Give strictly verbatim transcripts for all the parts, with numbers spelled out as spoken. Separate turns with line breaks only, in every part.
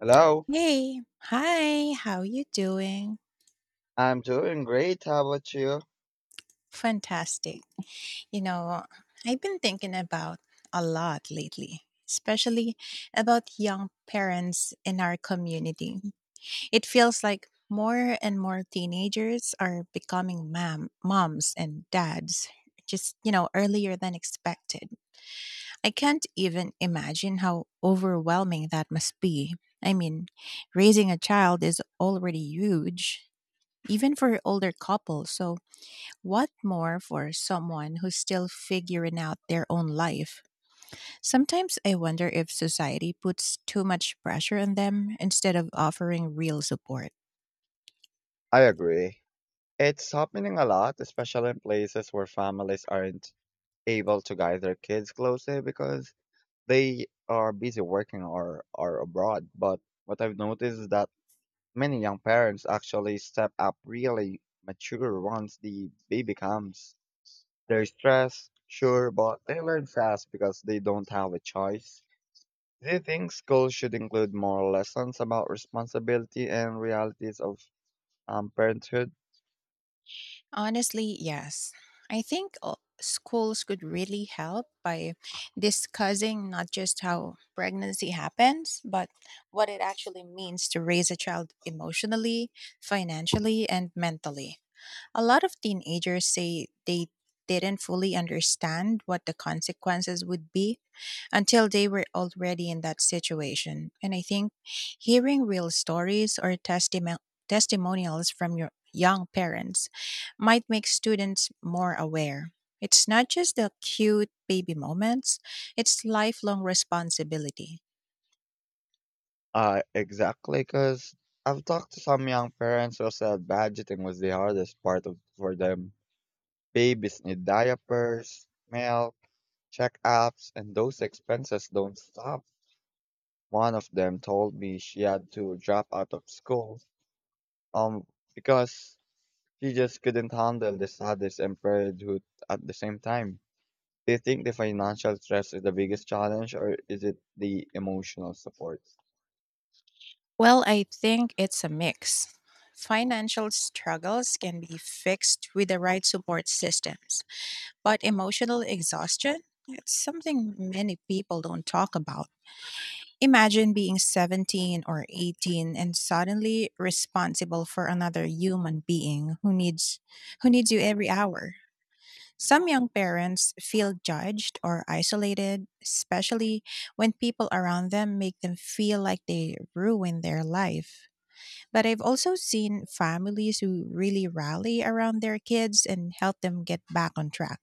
Hello,
Hey, hi, how you doing?
I'm doing great. How about you?
Fantastic. You know, I've been thinking about a lot lately, especially about young parents in our community. It feels like more and more teenagers are becoming mam- moms and dads just, you know, earlier than expected. I can't even imagine how overwhelming that must be. I mean, raising a child is already huge even for older couples. So, what more for someone who's still figuring out their own life? Sometimes I wonder if society puts too much pressure on them instead of offering real support.
I agree. It's happening a lot, especially in places where families aren't able to guide their kids closely because they are busy working or are abroad. But what I've noticed is that many young parents actually step up really mature once the baby comes. They're stressed, sure, but they learn fast because they don't have a choice. Do you think schools should include more lessons about responsibility and realities of um, parenthood?
Honestly, yes. I think uh, schools could really help by discussing not just how pregnancy happens, but what it actually means to raise a child emotionally, financially, and mentally. A lot of teenagers say they didn't fully understand what the consequences would be until they were already in that situation. And I think hearing real stories or testimo- testimonials from your young parents might make students more aware. It's not just the cute baby moments, it's lifelong responsibility.
Uh, exactly, because I've talked to some young parents who said budgeting was the hardest part of, for them. Babies need diapers, milk, checkups, and those expenses don't stop. One of them told me she had to drop out of school um, because she just couldn't handle the sadness and parenthood at the same time. Do you think the financial stress is the biggest challenge, or is it the emotional support?
Well, I think it's a mix. Financial struggles can be fixed with the right support systems. But emotional exhaustion? It's something many people don't talk about. Imagine being seventeen or eighteen and suddenly responsible for another human being who needs who needs you every hour. Some young parents feel judged or isolated, especially when people around them make them feel like they ruin their life. But I've also seen families who really rally around their kids and help them get back on track.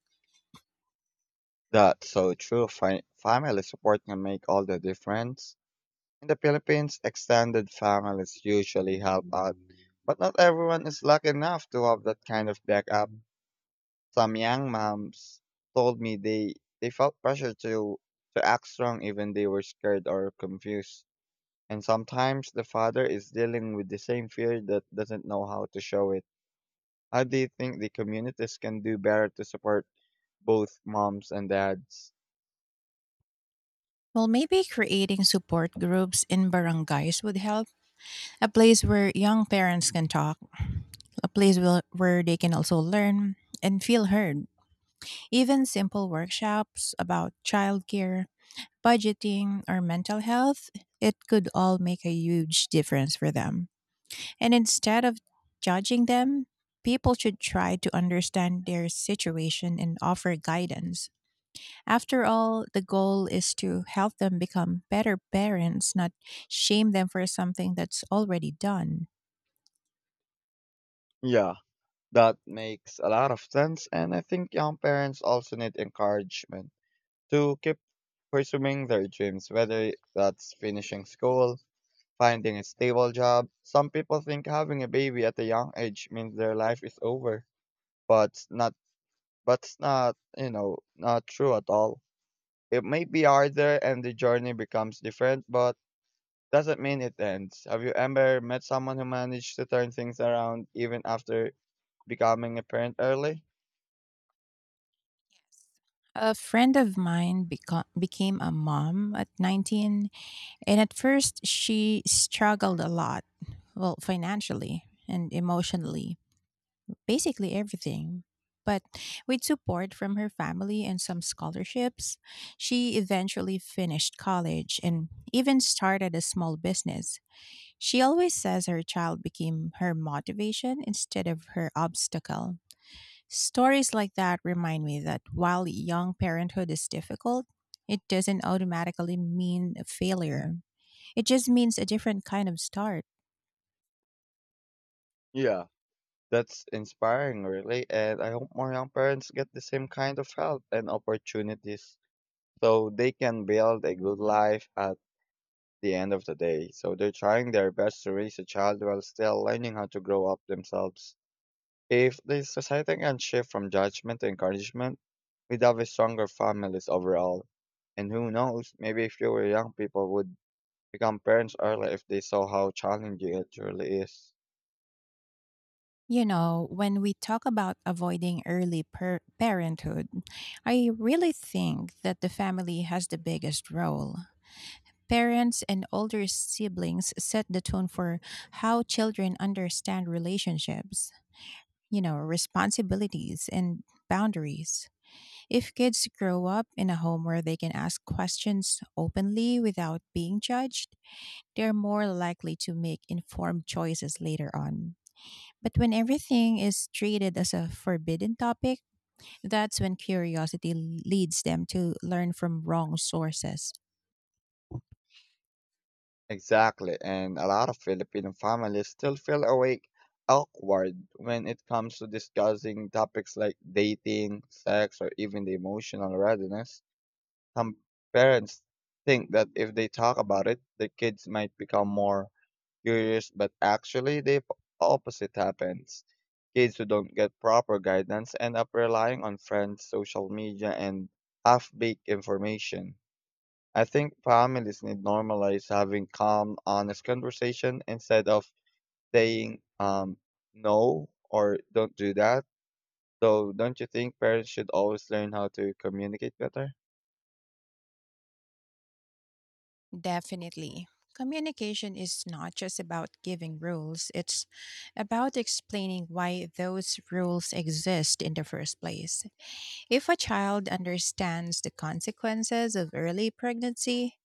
That's so true. Fi- family support can make all the difference. In the Philippines, extended families usually help out, but not everyone is lucky enough to have that kind of backup. Some young moms told me they, they felt pressure to, to act strong even they were scared or confused. And sometimes the father is dealing with the same fear that doesn't know how to show it. How do you think the communities can do better to support both moms and dads?
Well, maybe creating support groups in barangays would help. A place where young parents can talk, a place will, where they can also learn and feel heard. Even simple workshops about childcare, budgeting, or mental health, it could all make a huge difference for them. And instead of judging them, people should try to understand their situation and offer guidance. After all, the goal is to help them become better parents, not shame them for something that's already done.
Yeah. That makes a lot of sense, and I think young parents also need encouragement to keep pursuing their dreams, whether that's finishing school, finding a stable job. Some people think having a baby at a young age means their life is over, but it's not but it's not, you know, not true at all. It may be harder and the journey becomes different, but doesn't mean it ends. Have you ever met someone who managed to turn things around even after becoming a parent early?
A friend of mine beco- became a mom at nineteen, and at first she struggled a lot, well, financially and emotionally. Basically everything. But with support from her family and some scholarships, she eventually finished college and even started a small business. She always says her child became her motivation instead of her obstacle. Stories like that remind me that while young parenthood is difficult, it doesn't automatically mean a failure. It just means a different kind of start.
Yeah, that's inspiring, really, and I hope more young parents get the same kind of help and opportunities so they can build a good life at the end of the day. So they're trying their best to raise a child while still learning how to grow up themselves. If the society can shift from judgment to encouragement, we'd have a stronger families overall. And who knows, maybe fewer young people would become parents early if they saw how challenging it really is.
You know, when we talk about avoiding early per- parenthood, I really think that the family has the biggest role. Parents and older siblings set the tone for how children understand relationships, you know, responsibilities and boundaries. If kids grow up in a home where they can ask questions openly without being judged, they're more likely to make informed choices later on. But when everything is treated as a forbidden topic, that's when curiosity leads them to learn from wrong sources.
Exactly, and a lot of Filipino families still feel awake awkward when it comes to discussing topics like dating, sex, or even the emotional readiness. Some parents think that if they talk about it, the kids might become more curious, but actually the p- opposite happens. Kids who don't get proper guidance end up relying on friends, social media, and half-baked information. I think families need normalize having calm, honest conversation instead of saying um, no or don't do that. So, don't you think parents should always learn how to communicate better?
Definitely. Communication is not just about giving rules, it's about explaining why those rules exist in the first place. If a child understands the consequences of early pregnancy,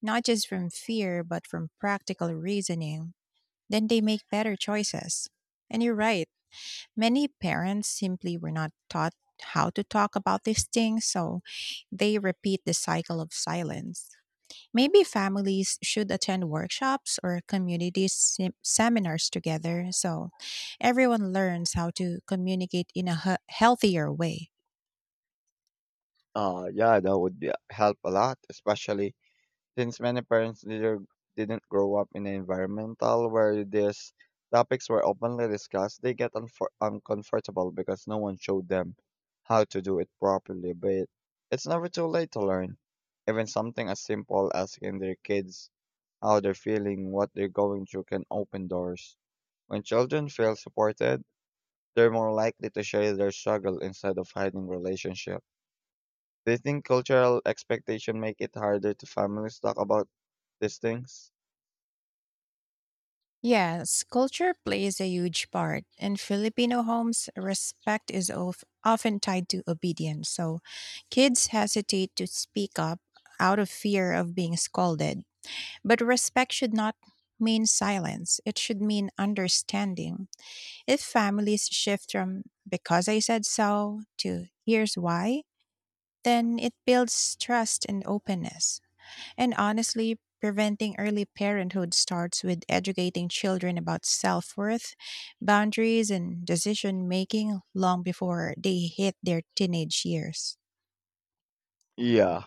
not just from fear, but from practical reasoning, then they make better choices. And you're right, many parents simply were not taught how to talk about these things, so they repeat the cycle of silence. Maybe families should attend workshops or community sem- seminars together so everyone learns how to communicate in a he- healthier way.
Uh, yeah, that would be, help a lot, especially since many parents didn't didn't grow up in an environment where these topics were openly discussed, they get unfor- uncomfortable because no one showed them how to do it properly. But it's never too late to learn. Even something as simple as asking their kids how they're feeling, what they're going through can open doors. When children feel supported, they're more likely to share their struggle instead of hiding relationship. Do you think cultural expectation make it harder to families talk about these things?
Yes, culture plays a huge part. In Filipino homes, respect is of, often tied to obedience. So kids hesitate to speak up out of fear of being scolded. But respect should not mean silence, it should mean understanding. If families shift from because I said so to here's why, then it builds trust and openness. And honestly, preventing early parenthood starts with educating children about self worth, boundaries, and decision making long before they hit their teenage years.
Yeah,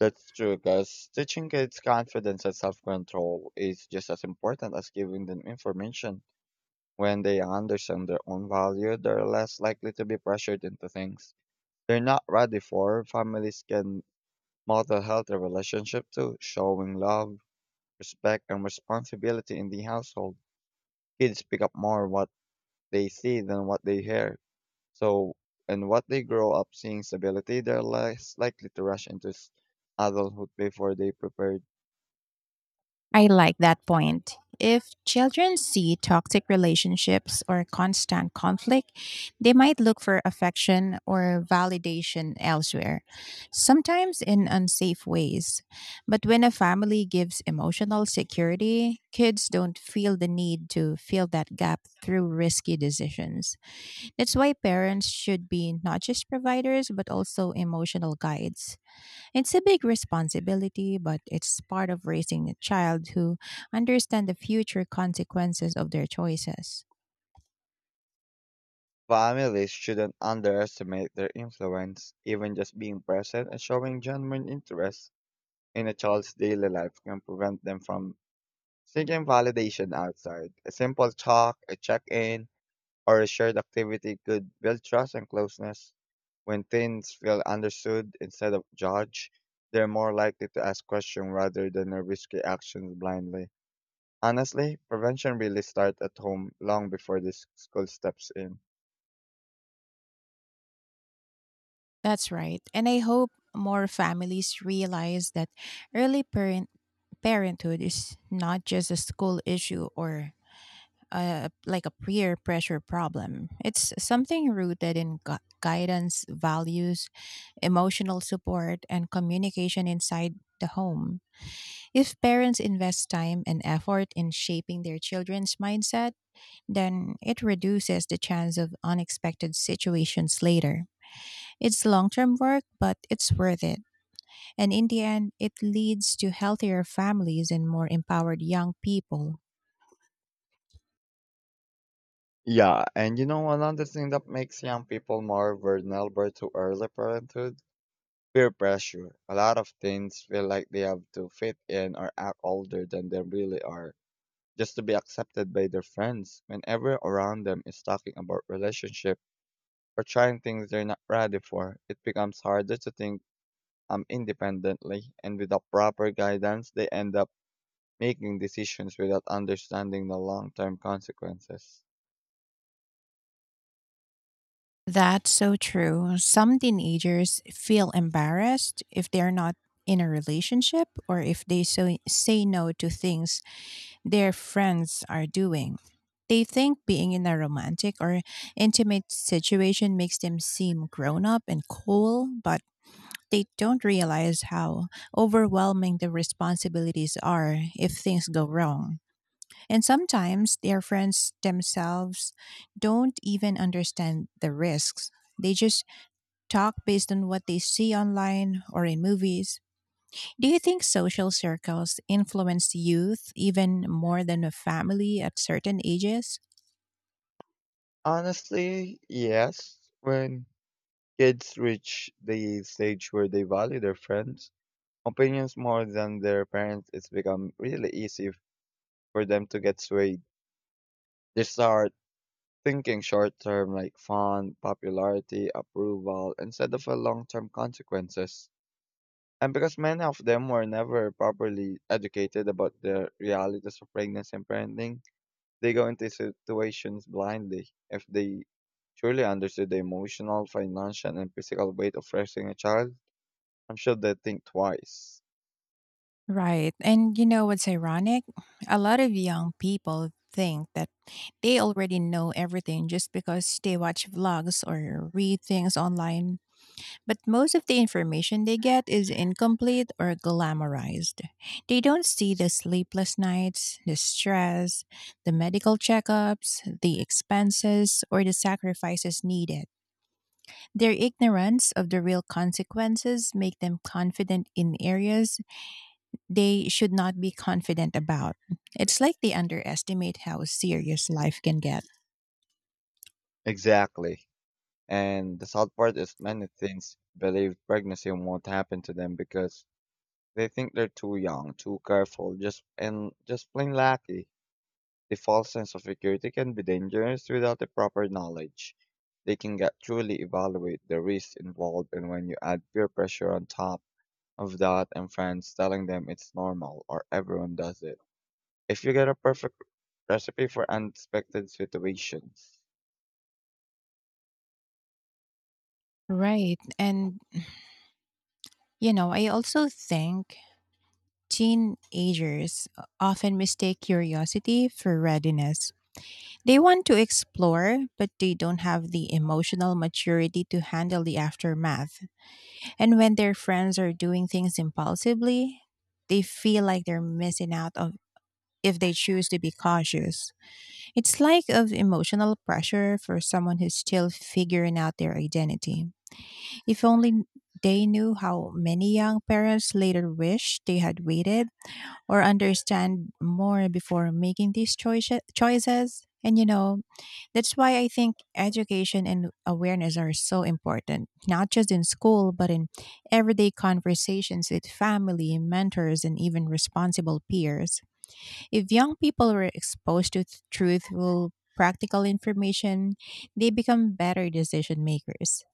that's true, because teaching kids confidence and self control is just as important as giving them information. When they understand their own value, they're less likely to be pressured into things they're not ready for. Families can model healthy relationship too, showing love, respect, and responsibility in the household. Kids pick up more what they see than what they hear. So, and what they grow up seeing stability, they're less likely to rush into s- adulthood before they prepared.
I like that point. If children see toxic relationships or constant conflict, they might look for affection or validation elsewhere, sometimes in unsafe ways. But when a family gives emotional security, kids don't feel the need to fill that gap through risky decisions. That's why parents should be not just providers, but also emotional guides. It's a big responsibility, but it's part of raising a child who understand the future consequences of their choices.
Families shouldn't underestimate their influence. Even just being present and showing genuine interest in a child's daily life can prevent them from seeking validation outside. A simple talk, a check in, or a shared activity could build trust and closeness. When teens feel understood instead of judged, they're more likely to ask questions rather than uh, risky actions blindly. Honestly, prevention really starts at home long before the s- school steps in.
That's right. And I hope more families realize that early parent parenthood is not just a school issue or a, like a peer pressure problem. It's something rooted in gu- guidance, values, emotional support, and communication inside the home. If parents invest time and effort in shaping their children's mindset, then it reduces the chance of unexpected situations later. It's long term work, but it's worth it. And in the end, it leads to healthier families and more empowered young people.
Yeah, and you know another thing that makes young people more vulnerable to early parenthood? Peer pressure. A lot of teens feel like they have to fit in or act older than they really are just to be accepted by their friends. Whenever around them is talking about relationship or trying things they're not ready for, it becomes harder to think um, independently, and without proper guidance, they end up making decisions without understanding the long term consequences.
That's so true. Some teenagers feel embarrassed if they're not in a relationship or if they so say no to things their friends are doing. They think being in a romantic or intimate situation makes them seem grown up and cool, but they don't realize how overwhelming the responsibilities are if things go wrong. And sometimes their friends themselves don't even understand the risks, they just talk based on what they see online or in movies. Do you think social circles influence youth even more than a family at certain ages?
Honestly, yes, when kids reach the stage where they value their friends, opinions more than their parents, it's become really easy for them to get swayed. They start thinking short term like fun, popularity, approval instead of a long term consequences. And because many of them were never properly educated about the realities of pregnancy and parenting, they go into situations blindly. If they truly understood the emotional, financial, and physical weight of raising a child, I'm sure they'd think twice.
Right. And you know what's ironic? A lot of young people think that they already know everything just because they watch vlogs or read things online. But most of the information they get is incomplete or glamorized. They don't see the sleepless nights, the stress, the medical checkups, the expenses, or the sacrifices needed. Their ignorance of the real consequences make them confident in areas they should not be confident about. It's like they underestimate how serious life can get.
Exactly. And the sad part is many teens believe pregnancy won't happen to them because they think they're too young, too careful, just and just plain lackey. The false sense of security can be dangerous without the proper knowledge. They can get truly evaluate the risks involved, and when you add peer pressure on top of that and friends telling them it's normal or everyone does it, if you get a perfect recipe for unexpected situations.
Right. And, you know, I also think teenagers often mistake curiosity for readiness. They want to explore, but they don't have the emotional maturity to handle the aftermath. And when their friends are doing things impulsively, they feel like they're missing out on if they choose to be cautious. It's like of emotional pressure for someone who's still figuring out their identity. If only they knew how many young parents later wish they had waited or understand more before making these choice- choices. And you know, that's why I think education and awareness are so important, not just in school, but in everyday conversations with family, mentors, and even responsible peers. If young people were exposed to th- truthful, practical information, they become better decision makers.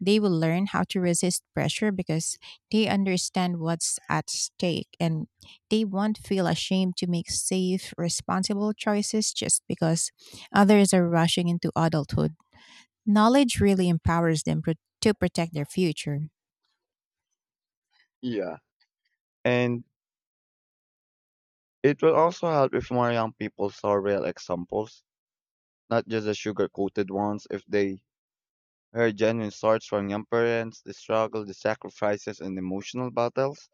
They will learn how to resist pressure because they understand what's at stake and they won't feel ashamed to make safe, responsible choices just because others are rushing into adulthood. Knowledge really empowers them pro- to protect their future.
Yeah. And it will also help if more young people saw real examples, not just the sugar coated ones, if they her genuine starts from young parents, the struggle, the sacrifices, and emotional battles.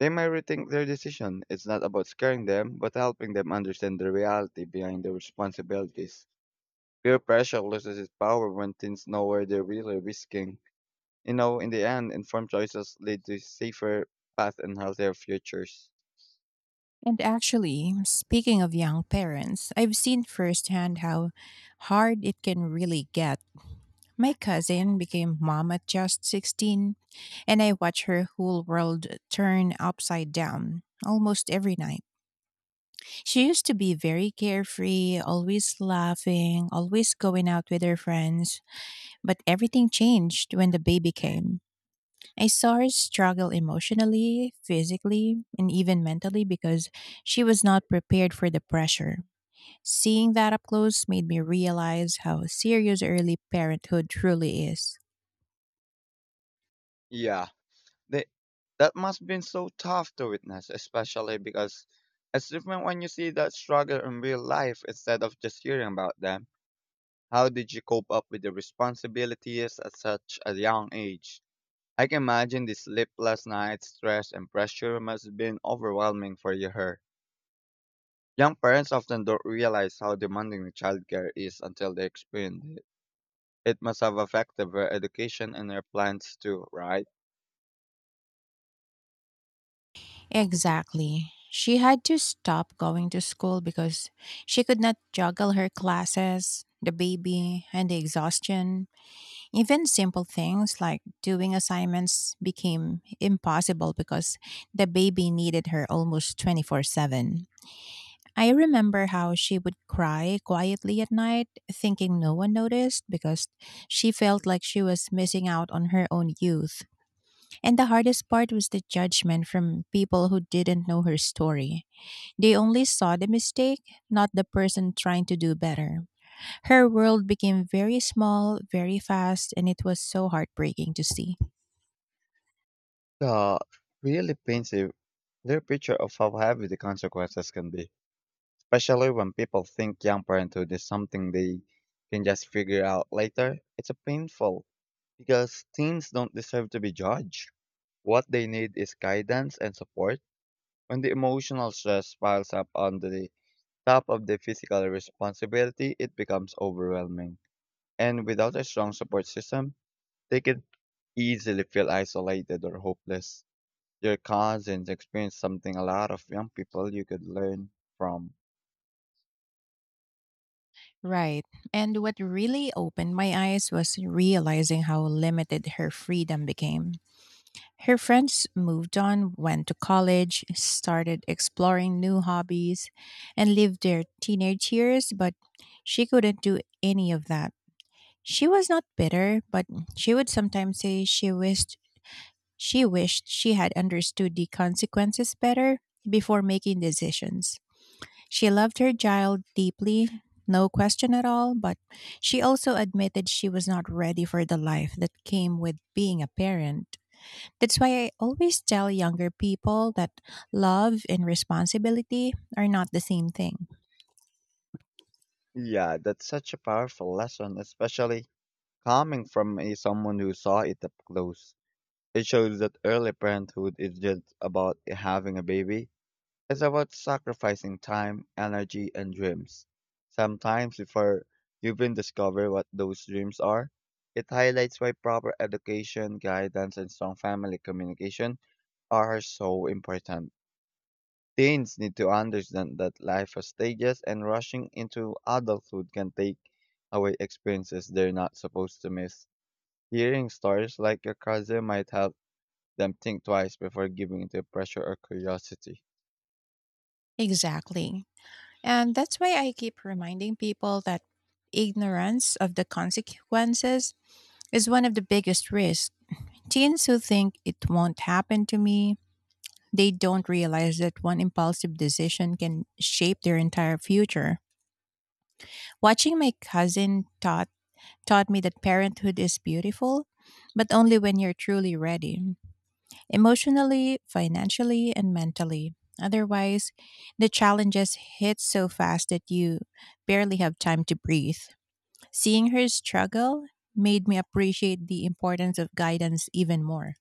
They may rethink their decision. It's not about scaring them, but helping them understand the reality behind their responsibilities. Peer pressure loses its power when teens know where they're really risking. You know, in the end, informed choices lead to safer paths and healthier futures.
And actually, speaking of young parents, I've seen firsthand how hard it can really get. My cousin became mom at just sixteen, and I watch her whole world turn upside down almost every night. She used to be very carefree, always laughing, always going out with her friends, but everything changed when the baby came. I saw her struggle emotionally, physically, and even mentally because she was not prepared for the pressure. Seeing that up close made me realize how serious early parenthood truly is.
Yeah, they, that must have been so tough to witness, especially because it's different when you see that struggle in real life instead of just hearing about them. How did you cope up with the responsibilities at such a young age? I can imagine the sleepless nights, stress, and pressure must have been overwhelming for you- her. Young parents often don't realize how demanding the childcare is until they experience it. It must have affected their education and their plans too, right?
Exactly. She had to stop going to school because she could not juggle her classes, the baby, and the exhaustion. Even simple things like doing assignments became impossible because the baby needed her almost twenty-four seven. I remember how she would cry quietly at night, thinking no one noticed because she felt like she was missing out on her own youth. And the hardest part was the judgment from people who didn't know her story. They only saw the mistake, not the person trying to do better. Her world became very small, very fast, and it was so heartbreaking to see.
The really painful their picture of how heavy the consequences can be, especially when people think young parenthood is something they can just figure out later. It's a painful because teens don't deserve to be judged. What they need is guidance and support. When the emotional stress piles up on the top of the physical responsibility, it becomes overwhelming. And without a strong support system, they can easily feel isolated or hopeless. Your cousins experience something a lot of young people you could learn from.
Right. And what really opened my eyes was realizing how limited her freedom became. Her friends moved on, went to college, started exploring new hobbies, and lived their teenage years, but she couldn't do any of that. She was not bitter, but she would sometimes say she wished she wished she had understood the consequences better before making decisions. She loved her child deeply, no question at all, but she also admitted she was not ready for the life that came with being a parent. That's why I always tell younger people that love and responsibility are not the same thing.
Yeah, that's such a powerful lesson, especially coming from a, someone who saw it up close. It shows that early parenthood is just about having a baby. It's about sacrificing time, energy, and dreams. Sometimes before you even discover what those dreams are, it highlights why proper education, guidance, and strong family communication are so important. Teens need to understand that life has stages and rushing into adulthood can take away experiences they're not supposed to miss. Hearing stories like your cousin might help them think twice before giving into pressure or curiosity.
Exactly. And that's why I keep reminding people that ignorance of the consequences is one of the biggest risks. Teens who think it won't happen to me, they don't realize that one impulsive decision can shape their entire future. Watching my cousin taught taught me that parenthood is beautiful, but only when you're truly ready, emotionally, financially, and mentally. Otherwise, the challenges hit so fast that you barely have time to breathe. Seeing her struggle made me appreciate the importance of guidance even more.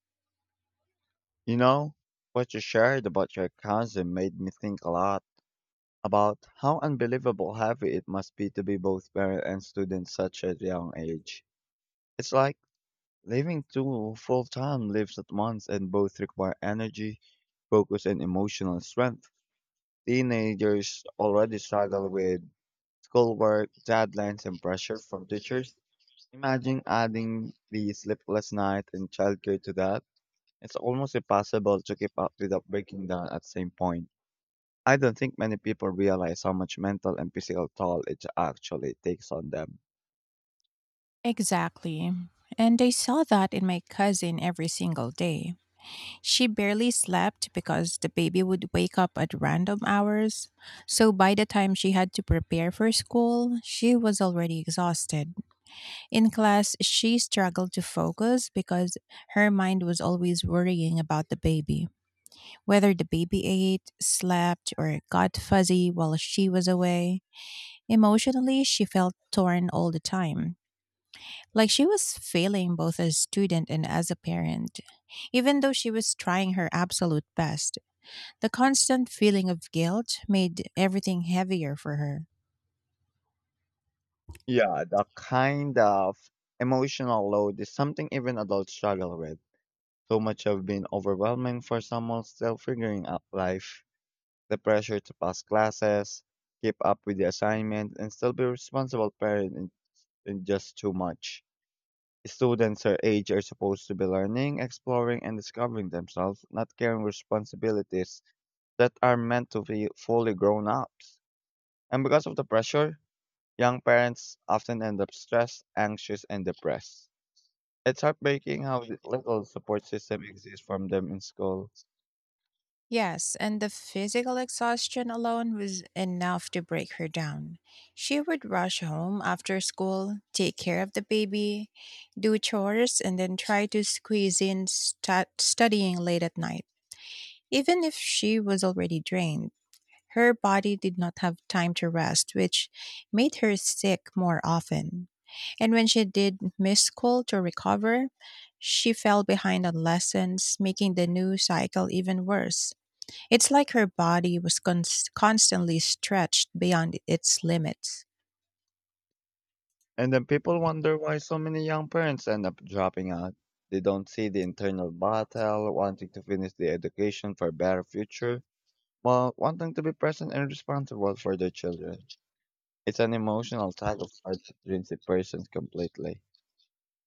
You know, what you shared about your cousin made me think a lot about how unbelievable heavy it must be to be both parent and student such a young age. It's like living two full time lives at once and both require energy, focus and emotional strength. Teenagers already struggle with schoolwork, deadlines and pressure from teachers. Imagine adding the sleepless night and childcare to that. It's almost impossible to keep up without breaking down at the same point. I don't think many people realize how much mental and physical toll it actually takes on them.
Exactly. And I saw that in my cousin every single day. She barely slept because the baby would wake up at random hours. So by the time she had to prepare for school, she was already exhausted. In class, she struggled to focus because her mind was always worrying about the baby. Whether the baby ate, slept, or got fuzzy while she was away, emotionally, she felt torn all the time. Like she was failing both as a student and as a parent, even though she was trying her absolute best. The constant feeling of guilt made everything heavier for her.
Yeah, the kind of emotional load is something even adults struggle with. So much of been overwhelming for someone still figuring out life. The pressure to pass classes, keep up with the assignment, and still be a responsible parent is is just too much. Students her age are supposed to be learning, exploring, and discovering themselves, not carrying responsibilities that are meant to be fully grown ups. And because of the pressure, young parents often end up stressed, anxious, and depressed. It's heartbreaking how th- little support system exists from them in school.
Yes, and the physical exhaustion alone was enough to break her down. She would rush home after school, take care of the baby, do chores, and then try to squeeze in stu- studying late at night, even if she was already drained. Her body did not have time to rest, which made her sick more often. And when she did miss school to recover, she fell behind on lessons, making the new cycle even worse. It's like her body was cons- constantly stretched beyond its limits.
And then people wonder why so many young parents end up dropping out. They don't see the internal battle, wanting to finish the education for a better future while wanting to be present and responsible for their children. It's an emotional tug of war that drains a person completely.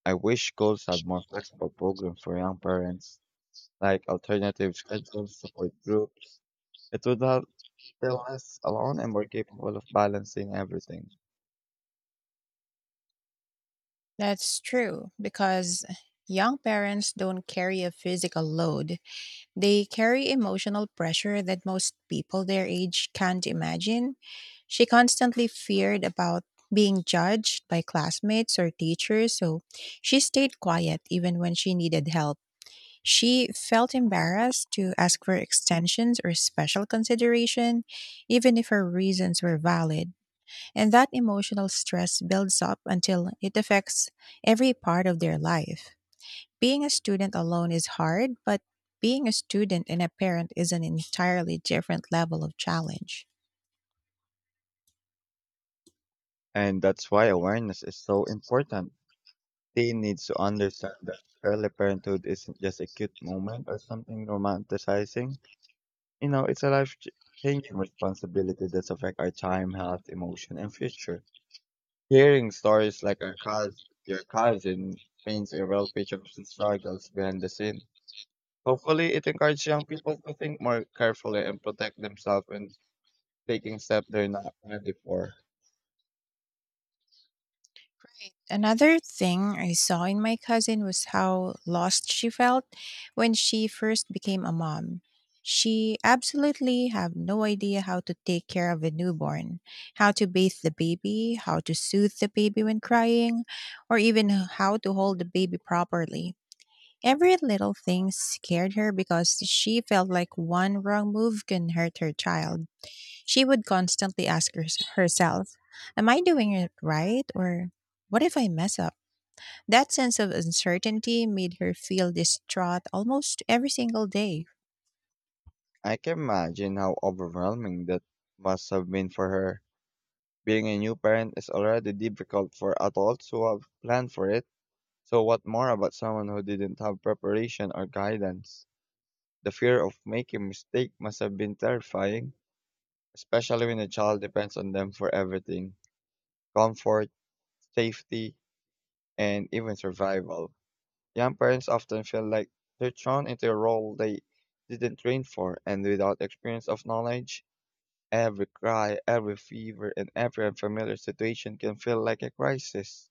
I wish schools had more flexible programs for young parents, like alternative schedules, support groups. It would help feel less alone and more capable of balancing everything.
That's true, because young parents don't carry a physical load. They carry emotional pressure that most people their age can't imagine. She constantly feared about being judged by classmates or teachers, so she stayed quiet even when she needed help. She felt embarrassed to ask for extensions or special consideration, even if her reasons were valid. And that emotional stress builds up until it affects every part of their life. Being a student alone is hard, but being a student and a parent is an entirely different level of challenge.
And that's why awareness is so important. Teen needs to understand that early parenthood isn't just a cute moment or something romanticizing. You know, it's a life ch- changing responsibility that's affect our time, health, emotion, and future. Hearing stories like our cous your cousin paints a real picture of the struggles behind the scene. Hopefully, it encourages young people to think more carefully and protect themselves when taking steps they're not ready for.
Right. Another thing I saw in my cousin was how lost she felt when she first became a mom. She absolutely had no idea how to take care of a newborn, how to bathe the baby, how to soothe the baby when crying, or even how to hold the baby properly. Every little thing scared her because she felt like one wrong move can hurt her child. She would constantly ask her- herself, "Am I doing it right? Or what if I mess up?" That sense of uncertainty made her feel distraught almost every single day.
I can imagine how overwhelming that must have been for her. Being a new parent is already difficult for adults who have planned for it. So, what more about someone who didn't have preparation or guidance? The fear of making mistake must have been terrifying, especially when a child depends on them for everything comfort, safety, and even survival. Young parents often feel like they're thrown into a role they didn't train for, and without experience of knowledge, every cry, every fever, and every unfamiliar situation can feel like a crisis.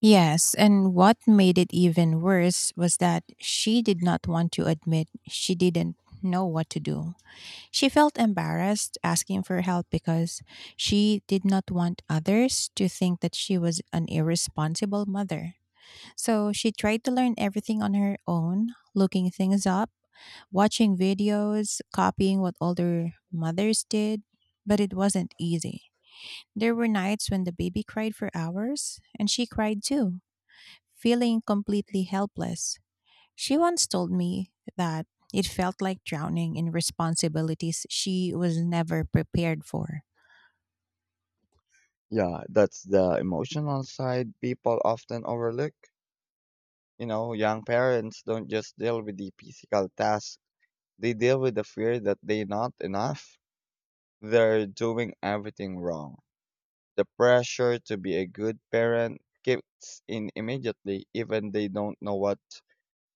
Yes, and what made it even worse was that she did not want to admit she didn't know what to do. She felt embarrassed asking for help because she did not want others to think that she was an irresponsible mother. So she tried to learn everything on her own, looking things up, watching videos, copying what older mothers did, but it wasn't easy. There were nights when the baby cried for hours, and she cried too, feeling completely helpless. She once told me that it felt like drowning in responsibilities she was never prepared for.
Yeah, that's the emotional side people often overlook. You know, young parents don't just deal with the physical task, they deal with the fear that they're not enough. They're doing everything wrong. The pressure to be a good parent kicks in immediately, even they don't know what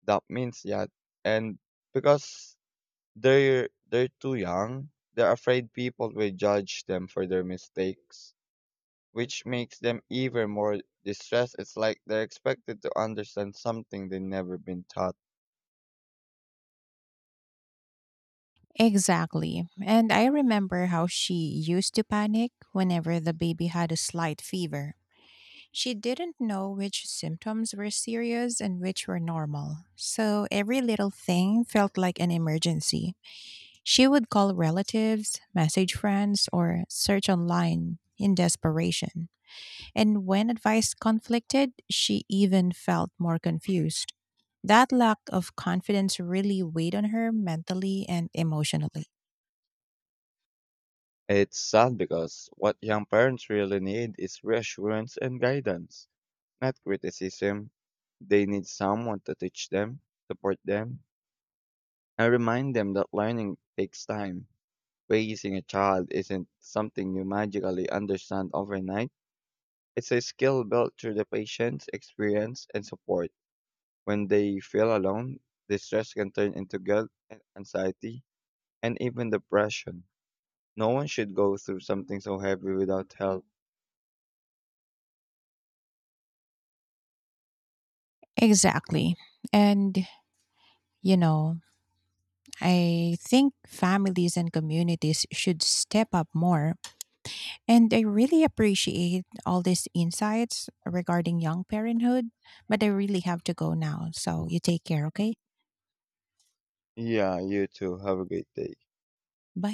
that means yet. And because they're they're too young, they're afraid people will judge them for their mistakes, which makes them even more distressed. It's like they're expected to understand something they've never been taught.
Exactly. And I remember how she used to panic whenever the baby had a slight fever. She didn't know which symptoms were serious and which were normal, so every little thing felt like an emergency. She would call relatives, message friends, or search online in desperation. And when advice conflicted, she even felt more confused. That lack of confidence really weighed on her mentally and emotionally.
It's sad because what young parents really need is reassurance and guidance, not criticism. They need someone to teach them, support them, and remind them that learning takes time. Raising a child isn't something you magically understand overnight. It's a skill built through the patience, experience, and support. When they feel alone, distress can turn into guilt, and anxiety, and even depression. No one should go through something so heavy without help.
Exactly. And, you know, I think families and communities should step up more. And I really appreciate all these insights regarding young parenthood, but I really have to go now. So you take care, okay?
Yeah, you too. Have a great day.
Bye.